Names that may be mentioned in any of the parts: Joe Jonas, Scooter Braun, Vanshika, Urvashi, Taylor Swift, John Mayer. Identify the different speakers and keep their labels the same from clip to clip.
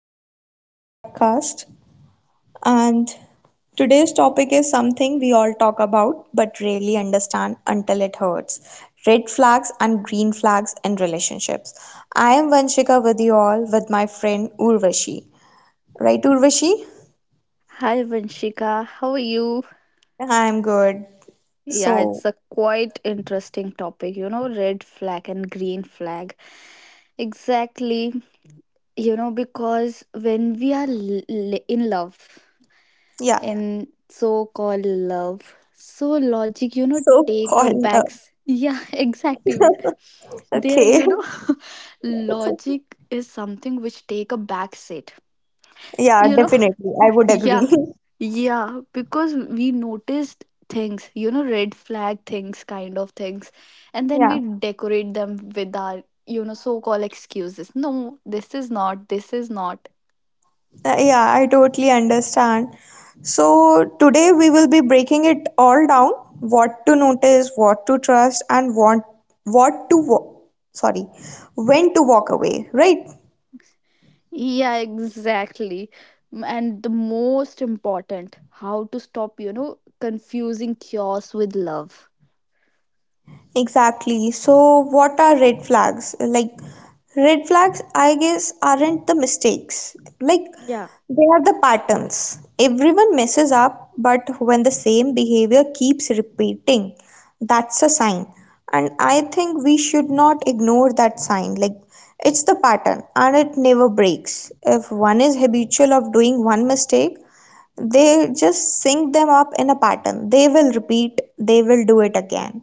Speaker 1: our podcast. And today's topic is something we all talk about but rarely understand until it hurts: red flags and green flags in relationships. I am Vanshika with you all with my friend Urvashi. Right, Urvashi?
Speaker 2: Hi Vanshika, how are you?
Speaker 1: I'm good.
Speaker 2: Yeah,
Speaker 1: So,
Speaker 2: it's a quite interesting topic, you know, red flag and green flag. Exactly, you know, because when we are in love,
Speaker 1: yeah,
Speaker 2: in so called love, so logic, you know,
Speaker 1: so
Speaker 2: take a
Speaker 1: called love.
Speaker 2: back. Yeah, exactly. There,
Speaker 1: Okay.
Speaker 2: you know, logic is something which take a back seat,
Speaker 1: Yeah,
Speaker 2: you know.
Speaker 1: definitely. I would
Speaker 2: Yeah,
Speaker 1: agree.
Speaker 2: yeah, because we noticed things, you know, red flag, things, kind of things, and then
Speaker 1: Yeah.
Speaker 2: we decorate them with our, you know, so called excuses. No, this is not.
Speaker 1: Yeah, I totally understand. So, today we will be breaking it all down, what to notice, what to trust, and what to wa- sorry, when to walk away, right?
Speaker 2: Yeah, exactly. And the most important, how to stop, you know, confusing chaos with love.
Speaker 1: Exactly. So, what are red flags? Like, red flags, I guess, aren't the mistakes. Like,
Speaker 2: Yeah,
Speaker 1: they are the patterns. Everyone messes up, but when the same behavior keeps repeating, that's a sign. And I think we should not ignore that sign. Like, it's the pattern and it never breaks. If one is habitual of doing one mistake, they just sync them up in a pattern. They will repeat, they will do it again,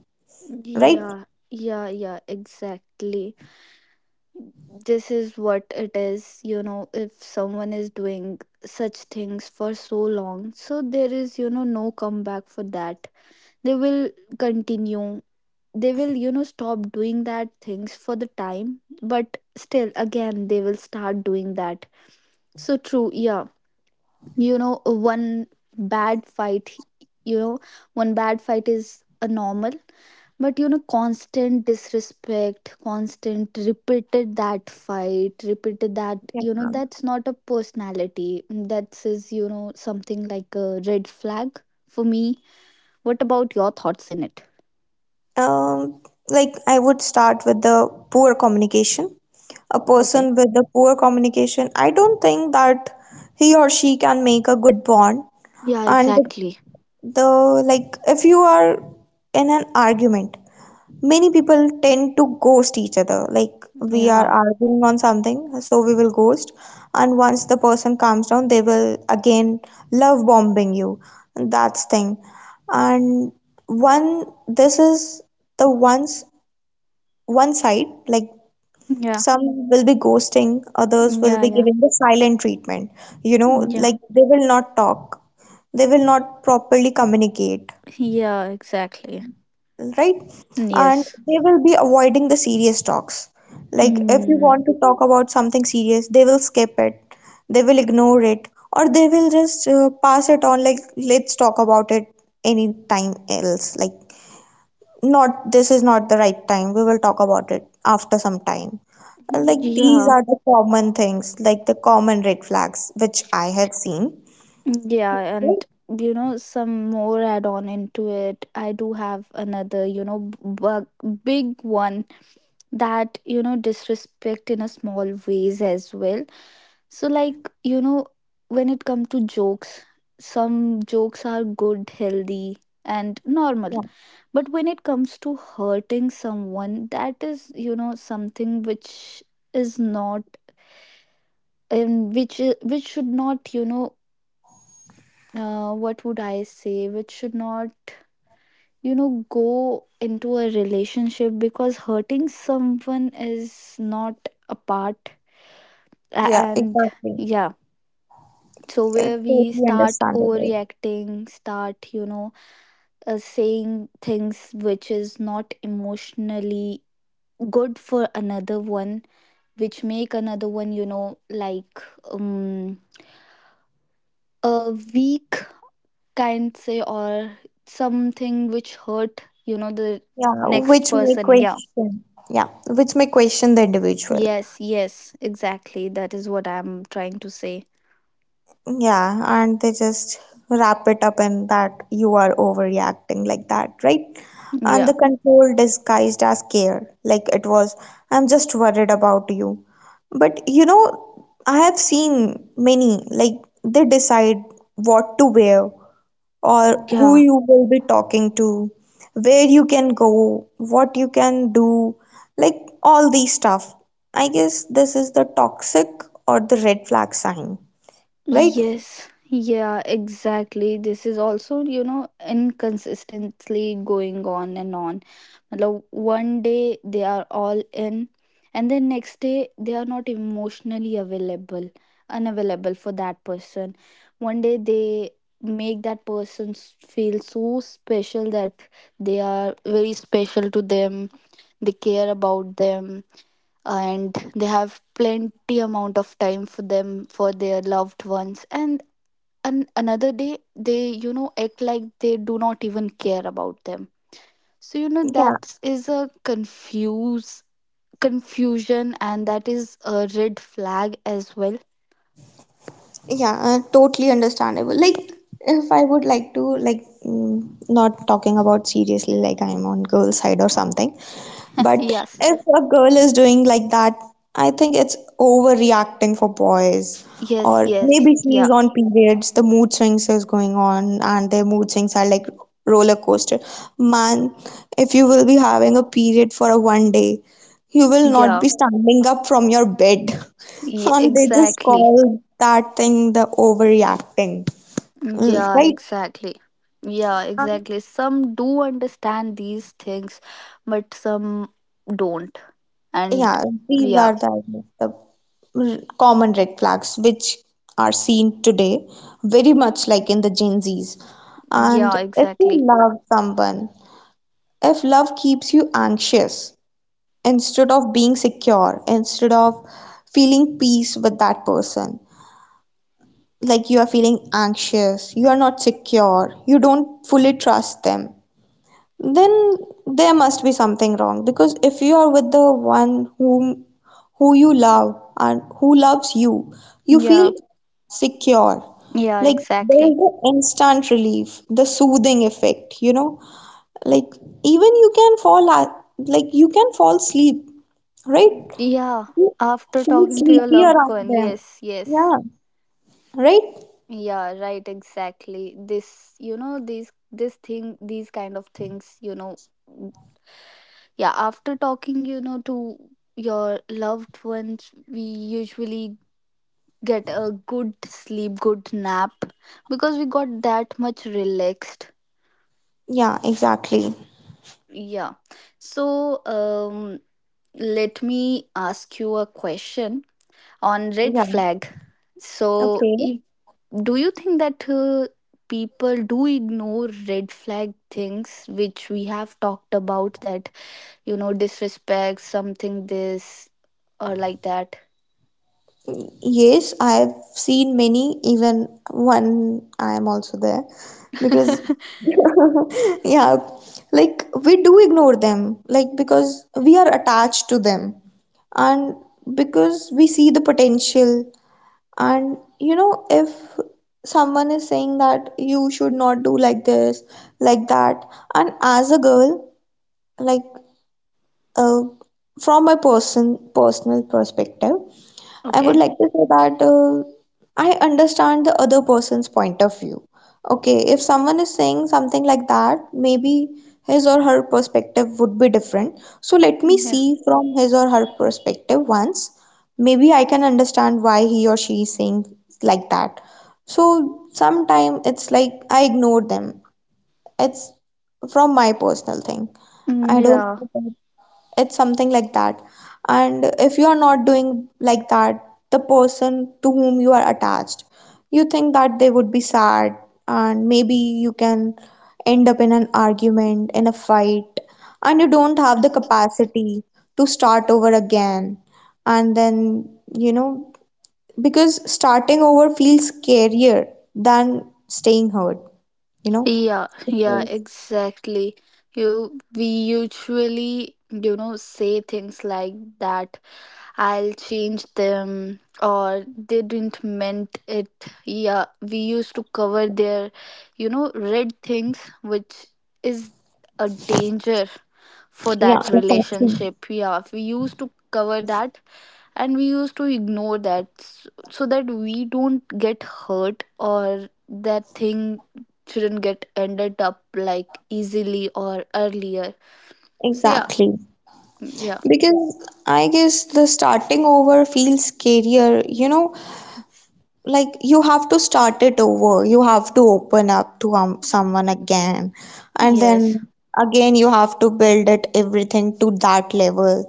Speaker 1: right?
Speaker 2: yeah, yeah, yeah, exactly, this is what it is, you know. If someone is doing such things for so long, so there is, you know, no comeback for that. They will continue, they will, you know, stop doing that things for the time, but still again they will start doing that. So true, yeah. You know, one bad fight, you know, one bad fight is a normal, but you know, constant disrespect, constant repeated that fight, repeated that,
Speaker 1: Yeah.
Speaker 2: you know, that's not a personality, that is, you know, something like a red flag for me. What about your thoughts in it?
Speaker 1: Um, like I would start with the poor communication. A person
Speaker 2: Okay.
Speaker 1: with the poor communication, I don't think that he or she can make a good bond.
Speaker 2: Yeah,
Speaker 1: And
Speaker 2: exactly.
Speaker 1: the like if you are in an argument, many people tend to ghost each other. Like we are
Speaker 2: Yeah,
Speaker 1: arguing on something, so we will ghost. And once the person calms down, they will again love bombing you. That's thing. And one, this is the one's one side. Like
Speaker 2: yeah,
Speaker 1: some will be ghosting, others will
Speaker 2: yeah,
Speaker 1: be
Speaker 2: yeah,
Speaker 1: giving the silent treatment. You know,
Speaker 2: yeah,
Speaker 1: like they will not talk. They will not properly communicate,
Speaker 2: yeah, exactly.
Speaker 1: right? And
Speaker 2: Yes.
Speaker 1: they will be avoiding the serious talks. Like if you
Speaker 2: Hmm.
Speaker 1: want to talk about something serious, they will skip it, they will ignore it, or they will just pass it on. Like let's talk about it anytime else. Like not, this is not the right time. We will talk about it after some time. Like these
Speaker 2: Yeah.
Speaker 1: are the common things, like the common red flags which I have seen.
Speaker 2: Yeah,
Speaker 1: Right?
Speaker 2: and you know, some more add on into it. I do have another, you know, big one that, you know, disrespect in a small ways as well. So, like, you know, when it come to jokes, some jokes are good, healthy, and normal.
Speaker 1: Yeah,
Speaker 2: But when it comes to hurting someone, that is, you know, something which is not, and which should not, you know, what would I say, which should not, you know, go into a relationship, because hurting someone is not a part.
Speaker 1: yeah,
Speaker 2: And
Speaker 1: exactly.
Speaker 2: yeah, so where we
Speaker 1: Totally
Speaker 2: start
Speaker 1: understandable.
Speaker 2: overreacting, start, you know, saying things which is not emotionally good for another one, which make another one, you know, like, um, a weak kind say, or something which hurt, you know, the
Speaker 1: Yeah,
Speaker 2: next
Speaker 1: which may
Speaker 2: person. Yeah.
Speaker 1: question. Yeah, which may question the individual.
Speaker 2: Yes, yes, exactly, that is what I'm trying to say.
Speaker 1: Yeah, and they just wrap it up in that you are overreacting like that, right? And
Speaker 2: Yeah.
Speaker 1: the control disguised as care, like it was, I'm just worried about you. But you know, I have seen many, like they decide what to wear, or who
Speaker 2: Yeah.
Speaker 1: you will be talking to, where you can go, what you can do, like all these stuff. I guess this is the toxic or the red flag sign, right?
Speaker 2: Yes, yeah, exactly. This is also, you know, inconsistently going on and on. Matlab, one day they are all in, and then next day they are not emotionally available, unavailable for that person. One day they make that person feel so special that they are very special to them, they care about them, and they have plenty amount of time for them, for their loved ones. And another day they, you know, act like they do not even care about them. So you know,
Speaker 1: Yeah,
Speaker 2: that is a confuse confusion, and that is a red flag as well.
Speaker 1: yeah, totally understandable. Like, if I would like to, like, not talking about seriously, like I'm on girl side or something. But
Speaker 2: Yes,
Speaker 1: if a girl is doing like that, I think it's overreacting for boys.
Speaker 2: yes,
Speaker 1: Or
Speaker 2: yes.
Speaker 1: maybe
Speaker 2: Yeah,
Speaker 1: she's on periods, the mood swings is going on, and their mood swings are like roller coaster. Man, if you will be having a period for a one day, you will not
Speaker 2: yeah.
Speaker 1: be standing up from your bed. And they just
Speaker 2: Exactly.
Speaker 1: call that thing the overreacting. Mm,
Speaker 2: Yeah,
Speaker 1: right?
Speaker 2: exactly. Yeah, exactly, some do understand these things, but some don't. And
Speaker 1: Yeah, these
Speaker 2: yeah,
Speaker 1: are the common red flags which are seen today, very much like in the Gen Zs. And
Speaker 2: yeah,
Speaker 1: if
Speaker 2: exactly.
Speaker 1: you love someone, if love keeps you anxious instead of being secure, instead of feeling peace with that person, like you are feeling anxious, you are not secure, you don't fully trust them, then there must be something wrong, because if you are with the one who you love and who loves you, you feel
Speaker 2: Yeah,
Speaker 1: secure.
Speaker 2: yeah,
Speaker 1: Like there is
Speaker 2: exactly.
Speaker 1: the instant relief, the soothing effect, you know, like even you can fall a- like you can fall asleep, right?
Speaker 2: Yeah,
Speaker 1: You
Speaker 2: after
Speaker 1: feel
Speaker 2: talking to your
Speaker 1: sleepy
Speaker 2: loved
Speaker 1: around
Speaker 2: one.
Speaker 1: them.
Speaker 2: Yes, yes.
Speaker 1: Yeah, right.
Speaker 2: Yeah, right, exactly. This, you know, these, this thing, these kind of things, you know. Yeah, after talking, you know, to your loved ones, we usually get a good sleep, good nap, because we got that much relaxed.
Speaker 1: Yeah, exactly.
Speaker 2: Yeah. So, let me ask you a question. On red
Speaker 1: Yeah.
Speaker 2: flag. So,
Speaker 1: Okay.
Speaker 2: if, do you think that people do ignore red flag things which we have talked about, that you know, disrespect, something this, or like that?
Speaker 1: Yes, I've seen many, even one I am also there because yeah, like we do ignore them, like because we are attached to them and because we see the potential. And you know, if someone is saying that you should not do like this, like that, and as a girl, like uh, from my personal perspective, I would
Speaker 2: Okay.
Speaker 1: like to say that I understand the other person's point of view. Okay, if someone is saying something like that, maybe his or her perspective would be different. So let me
Speaker 2: Yeah.
Speaker 1: see from his or her perspective once. Maybe I can understand why he or she is saying like that. So sometimes it's like I ignore them. It's from my personal thing.
Speaker 2: Mm,
Speaker 1: I don't
Speaker 2: yeah.
Speaker 1: know, it's something like that. And if you are not doing like that, the person to whom you are attached, you think that they would be sad, and maybe you can end up in an argument, in a fight, and you don't have the capacity to start over again. And then, because starting over feels scarier than staying hurt you know
Speaker 2: Yeah, yeah,
Speaker 1: Yes,
Speaker 2: exactly, you, we usually, you know, say things like that, I'll change them, or they didn't meant it. Yeah, we used to cover their, you know, red things, which is a danger for
Speaker 1: yeah,
Speaker 2: that
Speaker 1: exactly.
Speaker 2: relationship. Yeah, we used to cover that, and we used to ignore that so that we don't get hurt, or that thing shouldn't get ended up like easily or earlier. So, yeah,
Speaker 1: Exactly.
Speaker 2: yeah.
Speaker 1: Because I guess the starting over feels scarier, like you have to start it over. You have to open up to someone again. And
Speaker 2: Yes.
Speaker 1: then again, you have to build it everything to that level.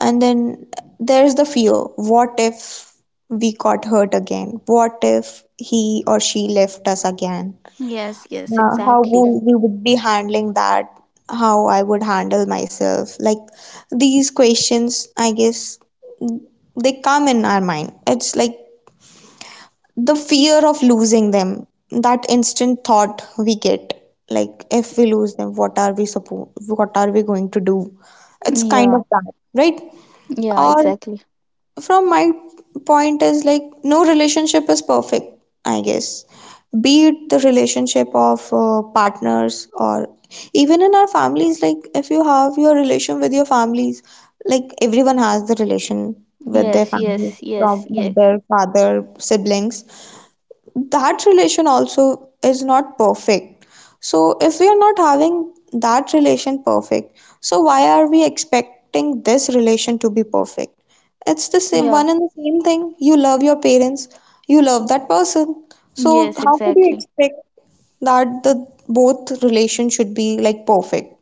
Speaker 1: And then there's the fear. What if we got hurt again? What if he or she left us again?
Speaker 2: Yes, yes,
Speaker 1: How
Speaker 2: exactly.
Speaker 1: would we would be handling that? How I would handle myself? Like these questions, I guess they come in our mind. It's like the fear of losing them, that instant thought we get, like if we lose them, what are we going to do. It's kind of
Speaker 2: Yeah.
Speaker 1: that, right?
Speaker 2: Yeah,
Speaker 1: Or
Speaker 2: exactly.
Speaker 1: from my point is, like, no relationship is perfect, I guess. Be it the relationship of partners, or even in our families. Like if you have your relation with your families, like everyone has the relation with their
Speaker 2: Yes, yes,
Speaker 1: families,
Speaker 2: yes,
Speaker 1: from
Speaker 2: yes.
Speaker 1: mother, father, siblings, that relation also is not perfect. So, if we are not having that relation perfect, so why are we expecting this relation to be perfect? It's the same
Speaker 2: Yeah.
Speaker 1: one and the same thing. You love your parents, you love that person. So,
Speaker 2: Yes,
Speaker 1: how could you
Speaker 2: exactly.
Speaker 1: expect that the both relation should be like perfect?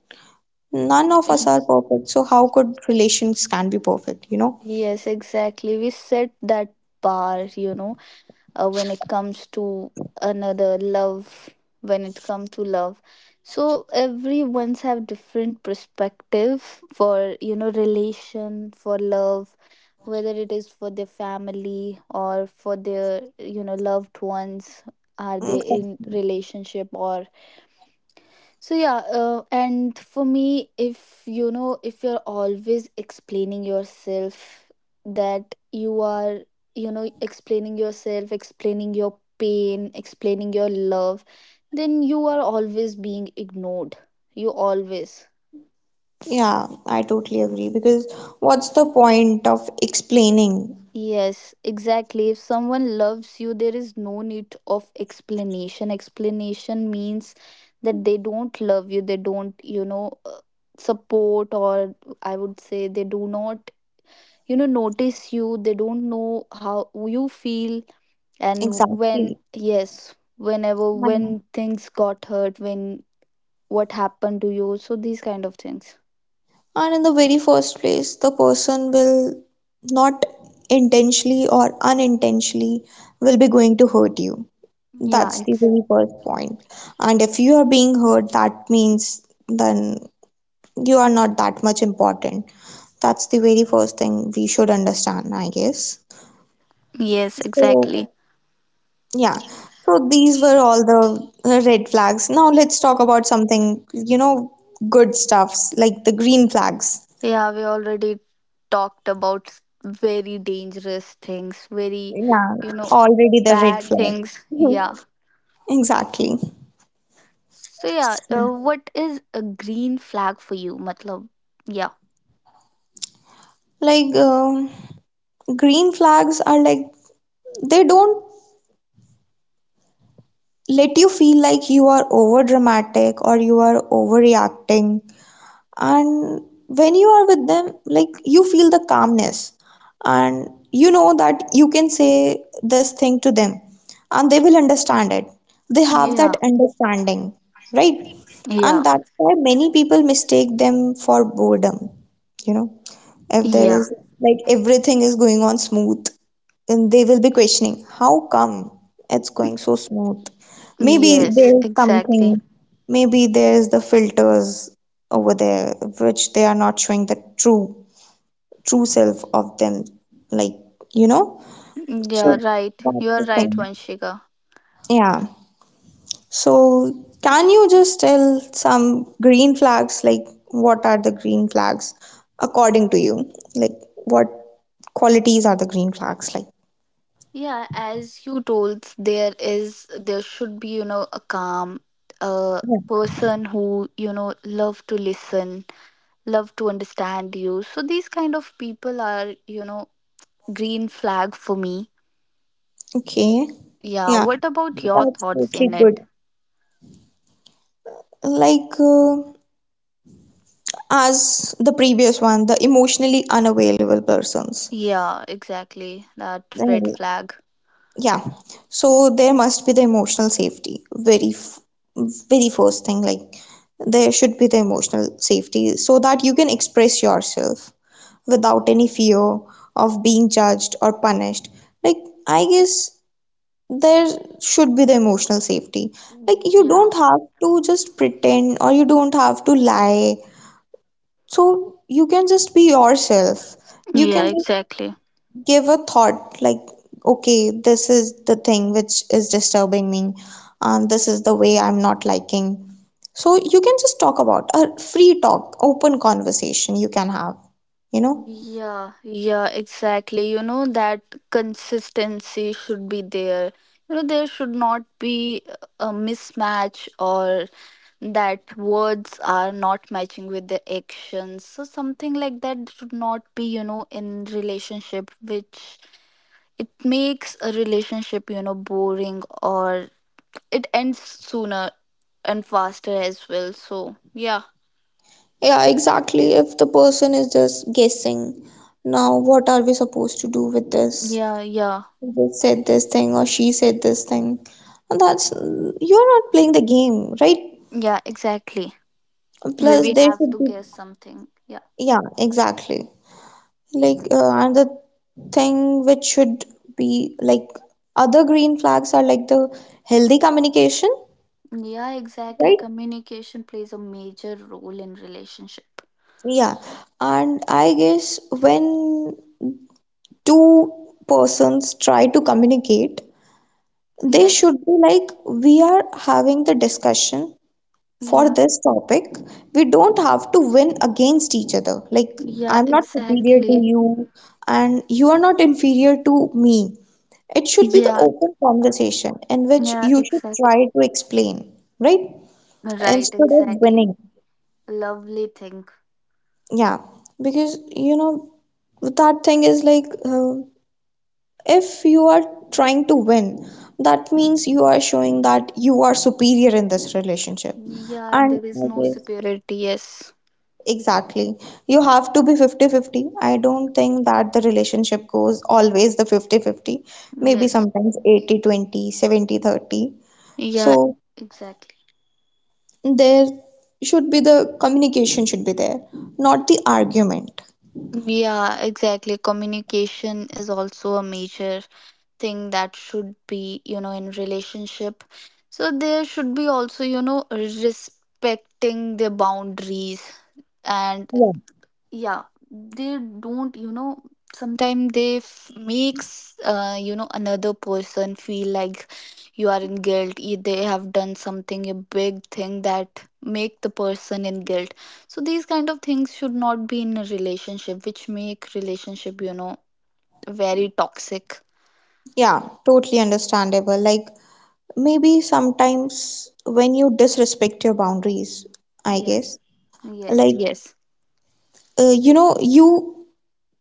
Speaker 1: None of us
Speaker 2: Yeah.
Speaker 1: are perfect. So, how could relations can be perfect, you know?
Speaker 2: Yes, exactly. We set that bar, you know, when it comes to another love, when it comes to love. So everyone's have different perspective for, you know, relation, for love, whether it is for their family or for their, you know, loved ones. Are they
Speaker 1: Okay.
Speaker 2: in relationship or. So yeah, and for me, if you know, if you're always explaining yourself, that you are, you know, explaining yourself, explaining your pain, explaining your love, then you are always being ignored. You always.
Speaker 1: Yeah, I totally agree, because what's the point of explaining,
Speaker 2: Yes, exactly. If someone loves you, there is no need of explanation. Explanation means that they don't love you, they don't, you know, support, or I would say they do not, you know, notice you, they don't know how you feel, and when,
Speaker 1: exactly?
Speaker 2: yes, whenever,
Speaker 1: And
Speaker 2: when things got hurt, when what happened to you, so these kind of things.
Speaker 1: and in the very first place, the person will not intentionally or unintentionally will be going to hurt you.
Speaker 2: Yeah,
Speaker 1: That's the
Speaker 2: it's.
Speaker 1: very first point. And if you are being hurt, that means then you are not that much important. That's the very first thing we should understand, I guess.
Speaker 2: Yes,
Speaker 1: So,
Speaker 2: exactly.
Speaker 1: yeah, so these were all the red flags. Now let's talk about something, good stuffs like the green flags.
Speaker 2: Yeah, we already talked about very dangerous things, very,
Speaker 1: Yeah,
Speaker 2: you know,
Speaker 1: already the red
Speaker 2: bad
Speaker 1: flag.
Speaker 2: things. Yeah.
Speaker 1: Mhm. Exactly.
Speaker 2: So yeah,
Speaker 1: So,
Speaker 2: what is a green flag for you? Matlab, yeah.
Speaker 1: like, green flags are like, they don't let you feel like you are over dramatic or you are overreacting, and when you are with them, like you feel the calmness, and you know that you can say this thing to them, and they will understand it. They have that
Speaker 2: Yeah.
Speaker 1: understanding, right?
Speaker 2: Yeah.
Speaker 1: And that's why many people mistake them for boredom, you know. If there
Speaker 2: Yeah.
Speaker 1: is, like, everything is going on smooth, and they will be questioning how come it's going so smooth. Maybe
Speaker 2: Yes,
Speaker 1: there's
Speaker 2: exactly.
Speaker 1: something, maybe there's the filters over there, which they are not showing the true self of them, like you know
Speaker 2: Yeah,
Speaker 1: so
Speaker 2: right. You
Speaker 1: that's
Speaker 2: are
Speaker 1: the
Speaker 2: right,
Speaker 1: thing,
Speaker 2: Vanshika.
Speaker 1: yeah. So, can you just tell some green flags, like, what are the green flags according to you, like, what qualities are the green flags, like?
Speaker 2: Yeah, as you told, there is, there should be, you know, a calm a
Speaker 1: Yeah.
Speaker 2: person who, you know, love to listen, love to understand you. So these kind of people are, you know, green flag for me.
Speaker 1: Okay.
Speaker 2: Yeah,
Speaker 1: Yeah,
Speaker 2: what about your
Speaker 1: that's
Speaker 2: thoughts
Speaker 1: totally
Speaker 2: in
Speaker 1: good.
Speaker 2: it?
Speaker 1: Like as the previous one, the emotionally unavailable persons.
Speaker 2: Yeah, exactly. That red
Speaker 1: Then,
Speaker 2: flag.
Speaker 1: yeah, so there must be the emotional safety. Very first thing, like there should be the emotional safety so that you can express yourself without any fear of being judged or punished. Like, I guess there should be the emotional safety. Like, you
Speaker 2: Yeah.
Speaker 1: don't have to just pretend or you don't have to lie. So, you can just be yourself, you
Speaker 2: Yeah,
Speaker 1: can
Speaker 2: exactly.
Speaker 1: give a thought like, okay, this is the thing which is disturbing me, and this is the way I'm not liking. So you can just talk about, a free talk, open conversation you can have you know
Speaker 2: Yeah, yeah, exactly. You know, that consistency should be there. You know, there should not be a mismatch, or that words are not matching with the actions. So something like that should not be, you know, in relationship, which it makes a relationship, you know, boring, or it ends sooner and faster as well. So, yeah.
Speaker 1: Yeah, exactly. If the person is just guessing, now what are we supposed to do with this?
Speaker 2: Yeah, yeah.
Speaker 1: He said this thing or she said this thing. And that's, you're not playing the game, right?
Speaker 2: Yeah, exactly, where
Speaker 1: Plus,
Speaker 2: we
Speaker 1: there
Speaker 2: have
Speaker 1: should
Speaker 2: to
Speaker 1: be,
Speaker 2: guess something. Yeah.
Speaker 1: yeah, exactly. Like another thing which should be like, other green flags are like the healthy communication,
Speaker 2: Yeah, exactly.
Speaker 1: right?
Speaker 2: Communication plays a major role in relationship.
Speaker 1: Yeah. And I guess when two persons try to communicate, they
Speaker 2: Yes.
Speaker 1: should be like, we are having the discussion for
Speaker 2: Yeah.
Speaker 1: this topic, we don't have to win against each other. Like,
Speaker 2: Yeah,
Speaker 1: I'm not superior to
Speaker 2: exactly.
Speaker 1: you, and you are not inferior to me. It should be the
Speaker 2: Yeah.
Speaker 1: open conversation in which
Speaker 2: Yeah,
Speaker 1: you should
Speaker 2: exactly.
Speaker 1: try to explain, right?
Speaker 2: Right,
Speaker 1: Instead of
Speaker 2: exactly.
Speaker 1: winning.
Speaker 2: Lovely thing.
Speaker 1: Yeah, because you know, that thing is like if you are trying to win, that means you are showing that you are superior in this relationship.
Speaker 2: Yeah, and
Speaker 1: And
Speaker 2: there is
Speaker 1: I
Speaker 2: no
Speaker 1: guess
Speaker 2: superiority. Yes.
Speaker 1: exactly. You have to be fifty-fifty. I don't think that the relationship goes always the fifty-fifty. Maybe
Speaker 2: Yes.
Speaker 1: sometimes 80-20, 70-30.
Speaker 2: Yeah,
Speaker 1: So
Speaker 2: exactly.
Speaker 1: there should be the communication should be there, not the argument.
Speaker 2: Yeah, exactly. Communication is also a major thing that should be, you know, in relationship. So there should be also, you know, respecting their boundaries, and yeah, they don't, you know, sometimes they makes you know, another person feel like you are in guilt, they have done something a big thing that make the person in guilt. So these kind of things should not be in a relationship, which make relationship, you know, very toxic.
Speaker 1: Yeah, totally understandable. Like maybe sometimes when you disrespect your boundaries, I guess.
Speaker 2: Yes. Yes.
Speaker 1: Like
Speaker 2: Yes.
Speaker 1: you know, you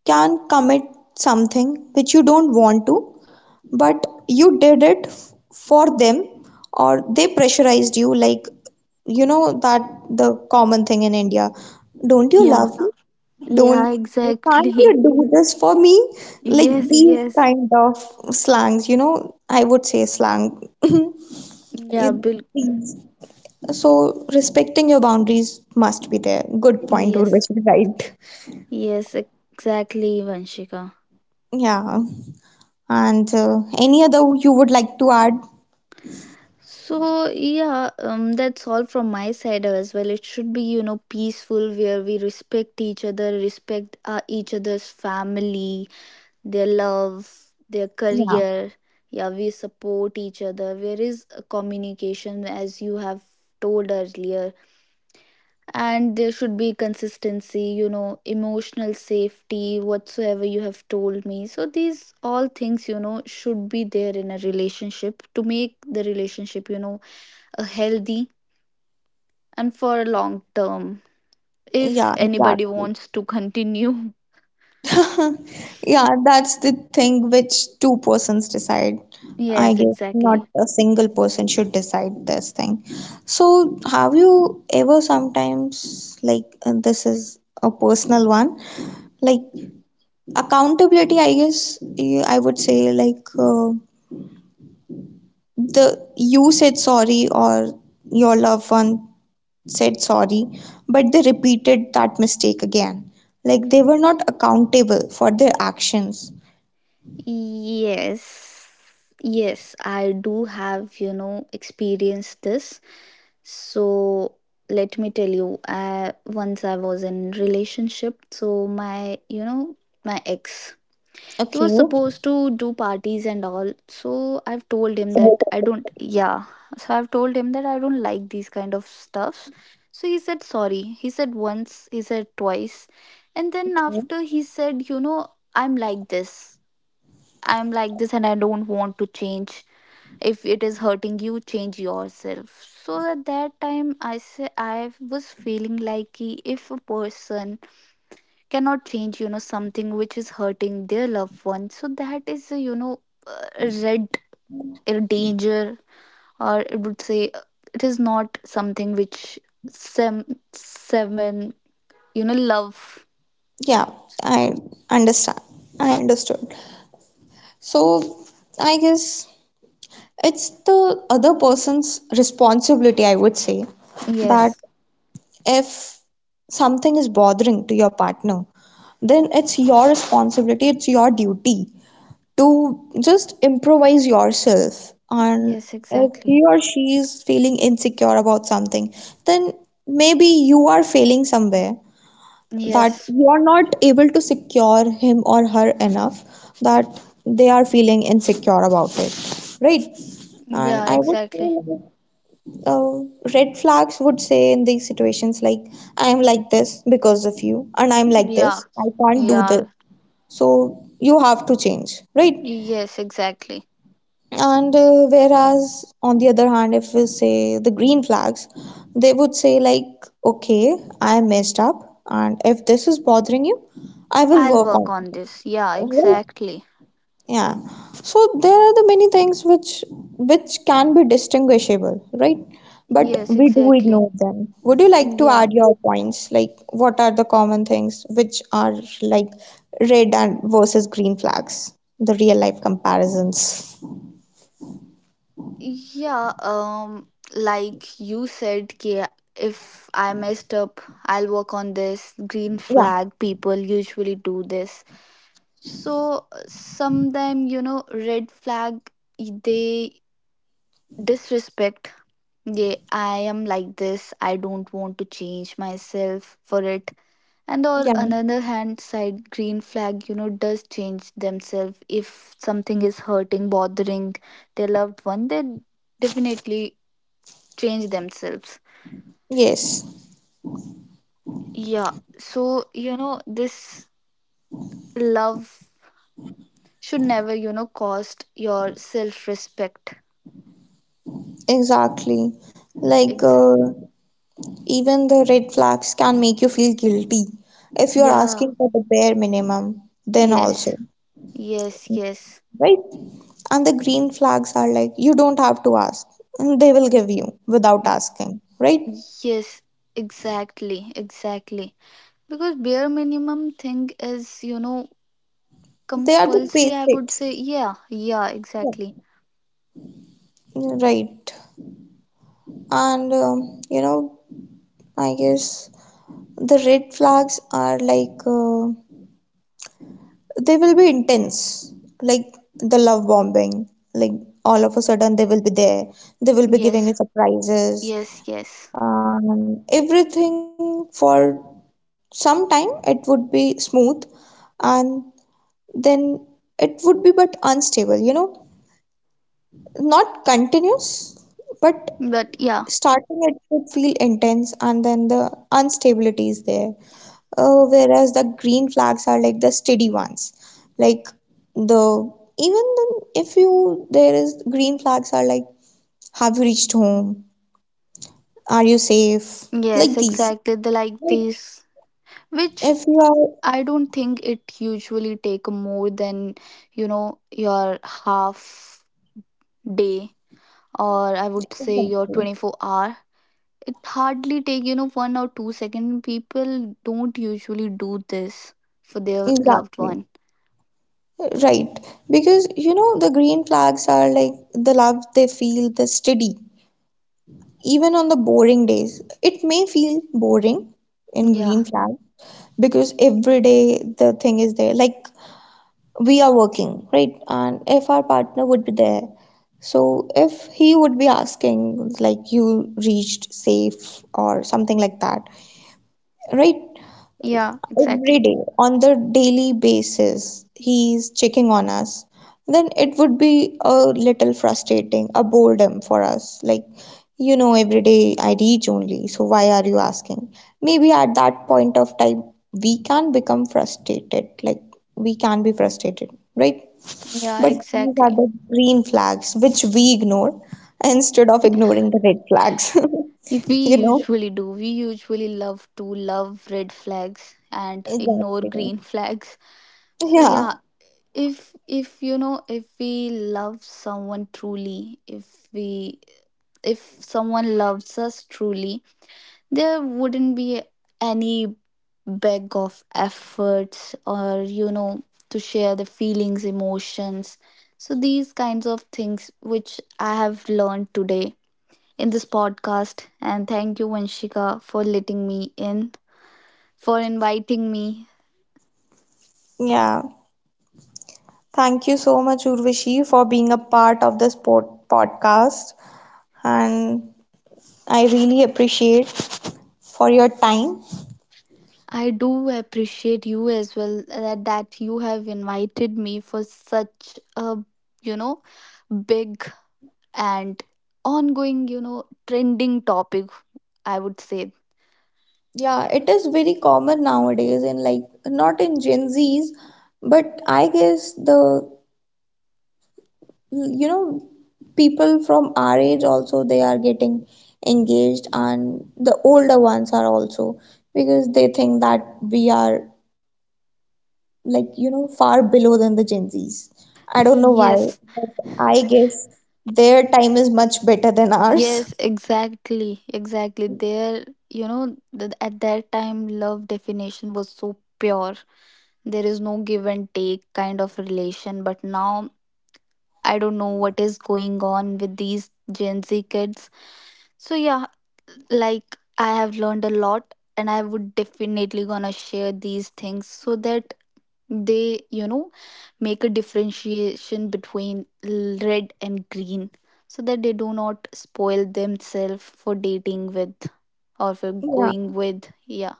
Speaker 1: can commit something which you don't want to but you did it for them, or they pressurized you, like you know that, the common thing in India, "Don't you
Speaker 2: Yeah.
Speaker 1: love
Speaker 2: Yeah.
Speaker 1: me?" don't
Speaker 2: Yeah.
Speaker 1: "can't you
Speaker 2: Exactly.
Speaker 1: do this for me?" Like
Speaker 2: Yes.
Speaker 1: these
Speaker 2: Yes.
Speaker 1: kind of slangs, you know, I would say slang.
Speaker 2: Yeah.
Speaker 1: It-
Speaker 2: Bill.
Speaker 1: these. So respecting your boundaries must be there. Good point,
Speaker 2: Yes.
Speaker 1: Urvashi, right?
Speaker 2: Yes. Exactly, Vanshika.
Speaker 1: Yeah, and any other you would like to add?
Speaker 2: So yeah, that's all from my side as well. It should be, you know, peaceful, where we respect each other, respect each other's family, their love, their
Speaker 1: Yeah,
Speaker 2: career. Yeah, we support each other. Where is a communication, as you have told earlier, and there should be consistency, you know, emotional safety, whatsoever you have told me, so these all things, you know, should be there in a relationship, to make the relationship, you know, a healthy and for a long term, if
Speaker 1: yeah,
Speaker 2: anybody
Speaker 1: exactly.
Speaker 2: wants to continue.
Speaker 1: Yeah, that's the thing which two persons decide. I
Speaker 2: Yes,
Speaker 1: guess not
Speaker 2: exactly.
Speaker 1: a single person should decide this thing. So, have you ever sometimes, like, and this is a personal one, like, accountability, I guess, eh, I would say, like, the, you said sorry, or your loved one said sorry, but they repeated that mistake again. Like, they were not accountable for their actions.
Speaker 2: Yes, yes, I do have, you know, experienced this. So let me tell you, I, once I was in relationship, so my, you know, my ex, he
Speaker 1: Okay.
Speaker 2: was supposed to do parties and all, so I've told him that I don't, yeah, so I've told him that I don't like these kind of stuffs. So he said sorry, he said once, he said twice, and then after he said, you know, I'm like this, I'm like this, and I don't want to change. If it is hurting you, change yourself. So at that time I say, I was feeling like कि, if a person cannot change, you know, something which is hurting their loved one, so that is a, you know, a red, a danger, or it would say it is not something which sem seven, you know, love.
Speaker 1: Yeah, I understand. I understood. So I guess it's the other person's responsibility, I would say, that
Speaker 2: Yes,
Speaker 1: if something is bothering to your partner, then it's your responsibility, it's your duty to just improvise yourself. And
Speaker 2: yes,
Speaker 1: if
Speaker 2: exactly.
Speaker 1: he or she is feeling insecure about something, then maybe you are failing somewhere that
Speaker 2: Yes.
Speaker 1: you are not able to secure him or her enough that they are feeling insecure about it, right? And
Speaker 2: Yeah,
Speaker 1: I would say
Speaker 2: exactly.
Speaker 1: like, red flags would say in these situations like, "I am like this because of you," and "I'm like
Speaker 2: Yeah.
Speaker 1: this, I can't do this,
Speaker 2: Yeah.
Speaker 1: so you have to change," right?
Speaker 2: Yes, exactly.
Speaker 1: And whereas on the other hand, if we say the green flags, they would say like, "Okay, I messed up, and if this is bothering you, I will
Speaker 2: I'll
Speaker 1: work on
Speaker 2: work on
Speaker 1: it,"
Speaker 2: this. Yeah,
Speaker 1: right?
Speaker 2: exactly.
Speaker 1: Yeah. So there are the many things which can be distinguishable, right? But
Speaker 2: Yes,
Speaker 1: we do
Speaker 2: exactly.
Speaker 1: ignore them. Would you like to add
Speaker 2: Yeah.
Speaker 1: your points, like what are the common things which are like red and versus green flags, the real life comparisons?
Speaker 2: Yeah, um, like you said ki, if I messed up, I'll work on this. Green
Speaker 1: Yeah.
Speaker 2: flag people usually do this. So sometime, you know, red flag, they disrespect. Yeah, I am like this. I don't want to change myself for it. And on another hand side, green flag, you know, does change themselves. If something is hurting, bothering their loved one, they definitely change themselves.
Speaker 1: Yes,
Speaker 2: Yeah, so you know, this love should never, you know, cost your self respect.
Speaker 1: exactly. Like,
Speaker 2: Ex-
Speaker 1: even the red flags can make you feel guilty if you're
Speaker 2: yeah.
Speaker 1: asking for the bare minimum, then also,
Speaker 2: Yes, yes, yes.
Speaker 1: right? And the green flags are like, you don't have to ask, and they will give you without asking, right?
Speaker 2: Yes, exactly, exactly, because bare minimum thing is, you know,
Speaker 1: They are the
Speaker 2: compulsory, I would say.
Speaker 1: basics.
Speaker 2: Yeah, yeah, exactly.
Speaker 1: Yeah. Right. And, you know, I guess the red flags are like, they will be intense, like the love bombing, like all of a sudden they will be there, they will be giving
Speaker 2: Yes,
Speaker 1: you surprises,
Speaker 2: yes, yes.
Speaker 1: everything. For some time it would be smooth, and then it would be but unstable, you know, not continuous, but
Speaker 2: But yeah.
Speaker 1: starting it would feel intense, and then the instability is there. Whereas the green flags are like the steady ones. Like the, even the, if you, there is, green flags are like, "Have you reached home? Are you safe?" Like
Speaker 2: Yes,
Speaker 1: these,
Speaker 2: exactly, the like
Speaker 1: right?
Speaker 2: this, which,
Speaker 1: If you are
Speaker 2: I don't think it usually take more than, you know, your half day, or I would say your
Speaker 1: exactly,
Speaker 2: 24 hour. It hardly take, you know, one or two second, people don't usually do this for their loved
Speaker 1: exactly
Speaker 2: one.
Speaker 1: right, because you know the green flags are like the love they feel the steady, even on the boring days it may feel boring in
Speaker 2: Yeah.
Speaker 1: green flag, because every day the thing is there, like, we are working, right? And if our partner would be there, so if he would be asking like, "You reached safe?" or something like that, right?
Speaker 2: Yeah,
Speaker 1: Every
Speaker 2: exactly.
Speaker 1: day on the daily basis he's checking on us, then it would be a little frustrating, a boredom for us, like, you know, every day I reach only, so why are you asking? Maybe at that point of time we can become frustrated, like, we can be frustrated, right?
Speaker 2: Yeah,
Speaker 1: But these are
Speaker 2: exactly.
Speaker 1: the green flags which we ignore, instead of ignoring the red flags.
Speaker 2: If we
Speaker 1: You know,
Speaker 2: usually do, we usually love to love red flags, and ignore
Speaker 1: exactly.
Speaker 2: green flags. So
Speaker 1: Yeah,
Speaker 2: yeah, if you know, if we love someone truly, if we, if someone loves us truly, there wouldn't be any beg of efforts, or you know, to share the feelings, emotions. So these kinds of things which I have learned today in this podcast. And thank you, Vanshika, for letting me in, for inviting me.
Speaker 1: yeah. Thank you so much, Urvashi, for being a part of this podcast. And I really appreciate for your time.
Speaker 2: I do appreciate you as well, that you have invited me for such a, you know, big and ongoing, you know, trending topic, I would say.
Speaker 1: Yeah, it is very common nowadays, and like not in Gen Zs, but I guess the, you know, people from our age also they are getting engaged, and the older ones are also, because they think that we are like, you know, far below than the Gen Zs. I don't know why,
Speaker 2: Yes,
Speaker 1: but I guess their time is much better than ours.
Speaker 2: yes, exactly, exactly. There, you know, at that time, love definition was so pure. There is no give and take kind of relation, but now I don't know what is going on with these Gen Z kids. So yeah, like I have learned a lot, and I would definitely gonna share these things so that they, you know, make a differentiation between red and green, so that they do not spoil themselves for dating with, or for
Speaker 1: Yeah,
Speaker 2: going with. Yeah.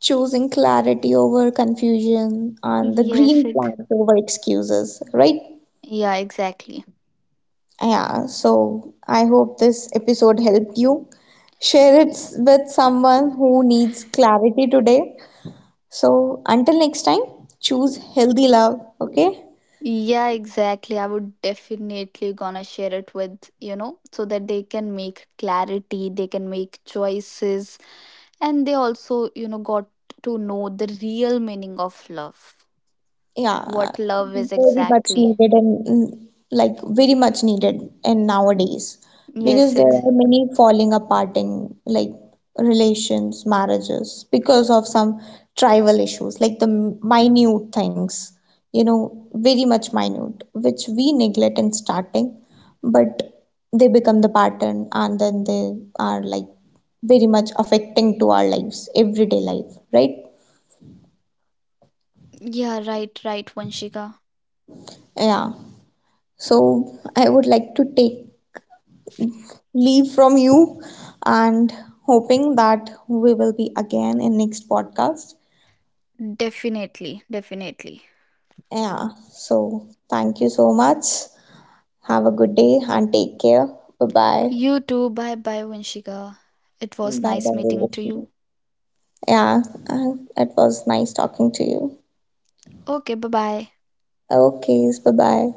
Speaker 1: choosing clarity over confusion and the
Speaker 2: Yes.
Speaker 1: green flags over excuses, right?
Speaker 2: Yeah, exactly.
Speaker 1: Yeah, so I hope this episode helped you. Share it with someone who needs clarity today. So until next time, choose healthy love, okay?
Speaker 2: Yeah, exactly. I would definitely gonna share it with, you know, so that they can make clarity, they can make choices, and they also, you know, got to know the real meaning of love.
Speaker 1: Yeah,
Speaker 2: What love is
Speaker 1: very much
Speaker 2: exactly.
Speaker 1: needed, and mm, like very much needed in nowadays, because
Speaker 2: Yes,
Speaker 1: there
Speaker 2: exactly.
Speaker 1: are many falling aparting, like relations, marriages, because of some tribal issues, like the minute things, you know, very much minute, which we neglect in starting, but they become the pattern, and then they are like very much affecting to our lives, everyday life, right?
Speaker 3: Yeah, right, right, Vanshika.
Speaker 1: Yeah. So I would like to take leave from you, and hoping that we will be again in next podcast.
Speaker 3: Definitely, definitely.
Speaker 1: Yeah, so thank you so much. Have a good day and take care. Bye bye.
Speaker 3: You too. Bye bye, Vanshika. It was
Speaker 1: Bye
Speaker 3: nice
Speaker 1: bye,
Speaker 3: meeting to
Speaker 1: Roshni.
Speaker 3: you.
Speaker 1: Yeah, it was nice talking to you.
Speaker 3: Okay, bye bye.
Speaker 1: Okay, bye bye.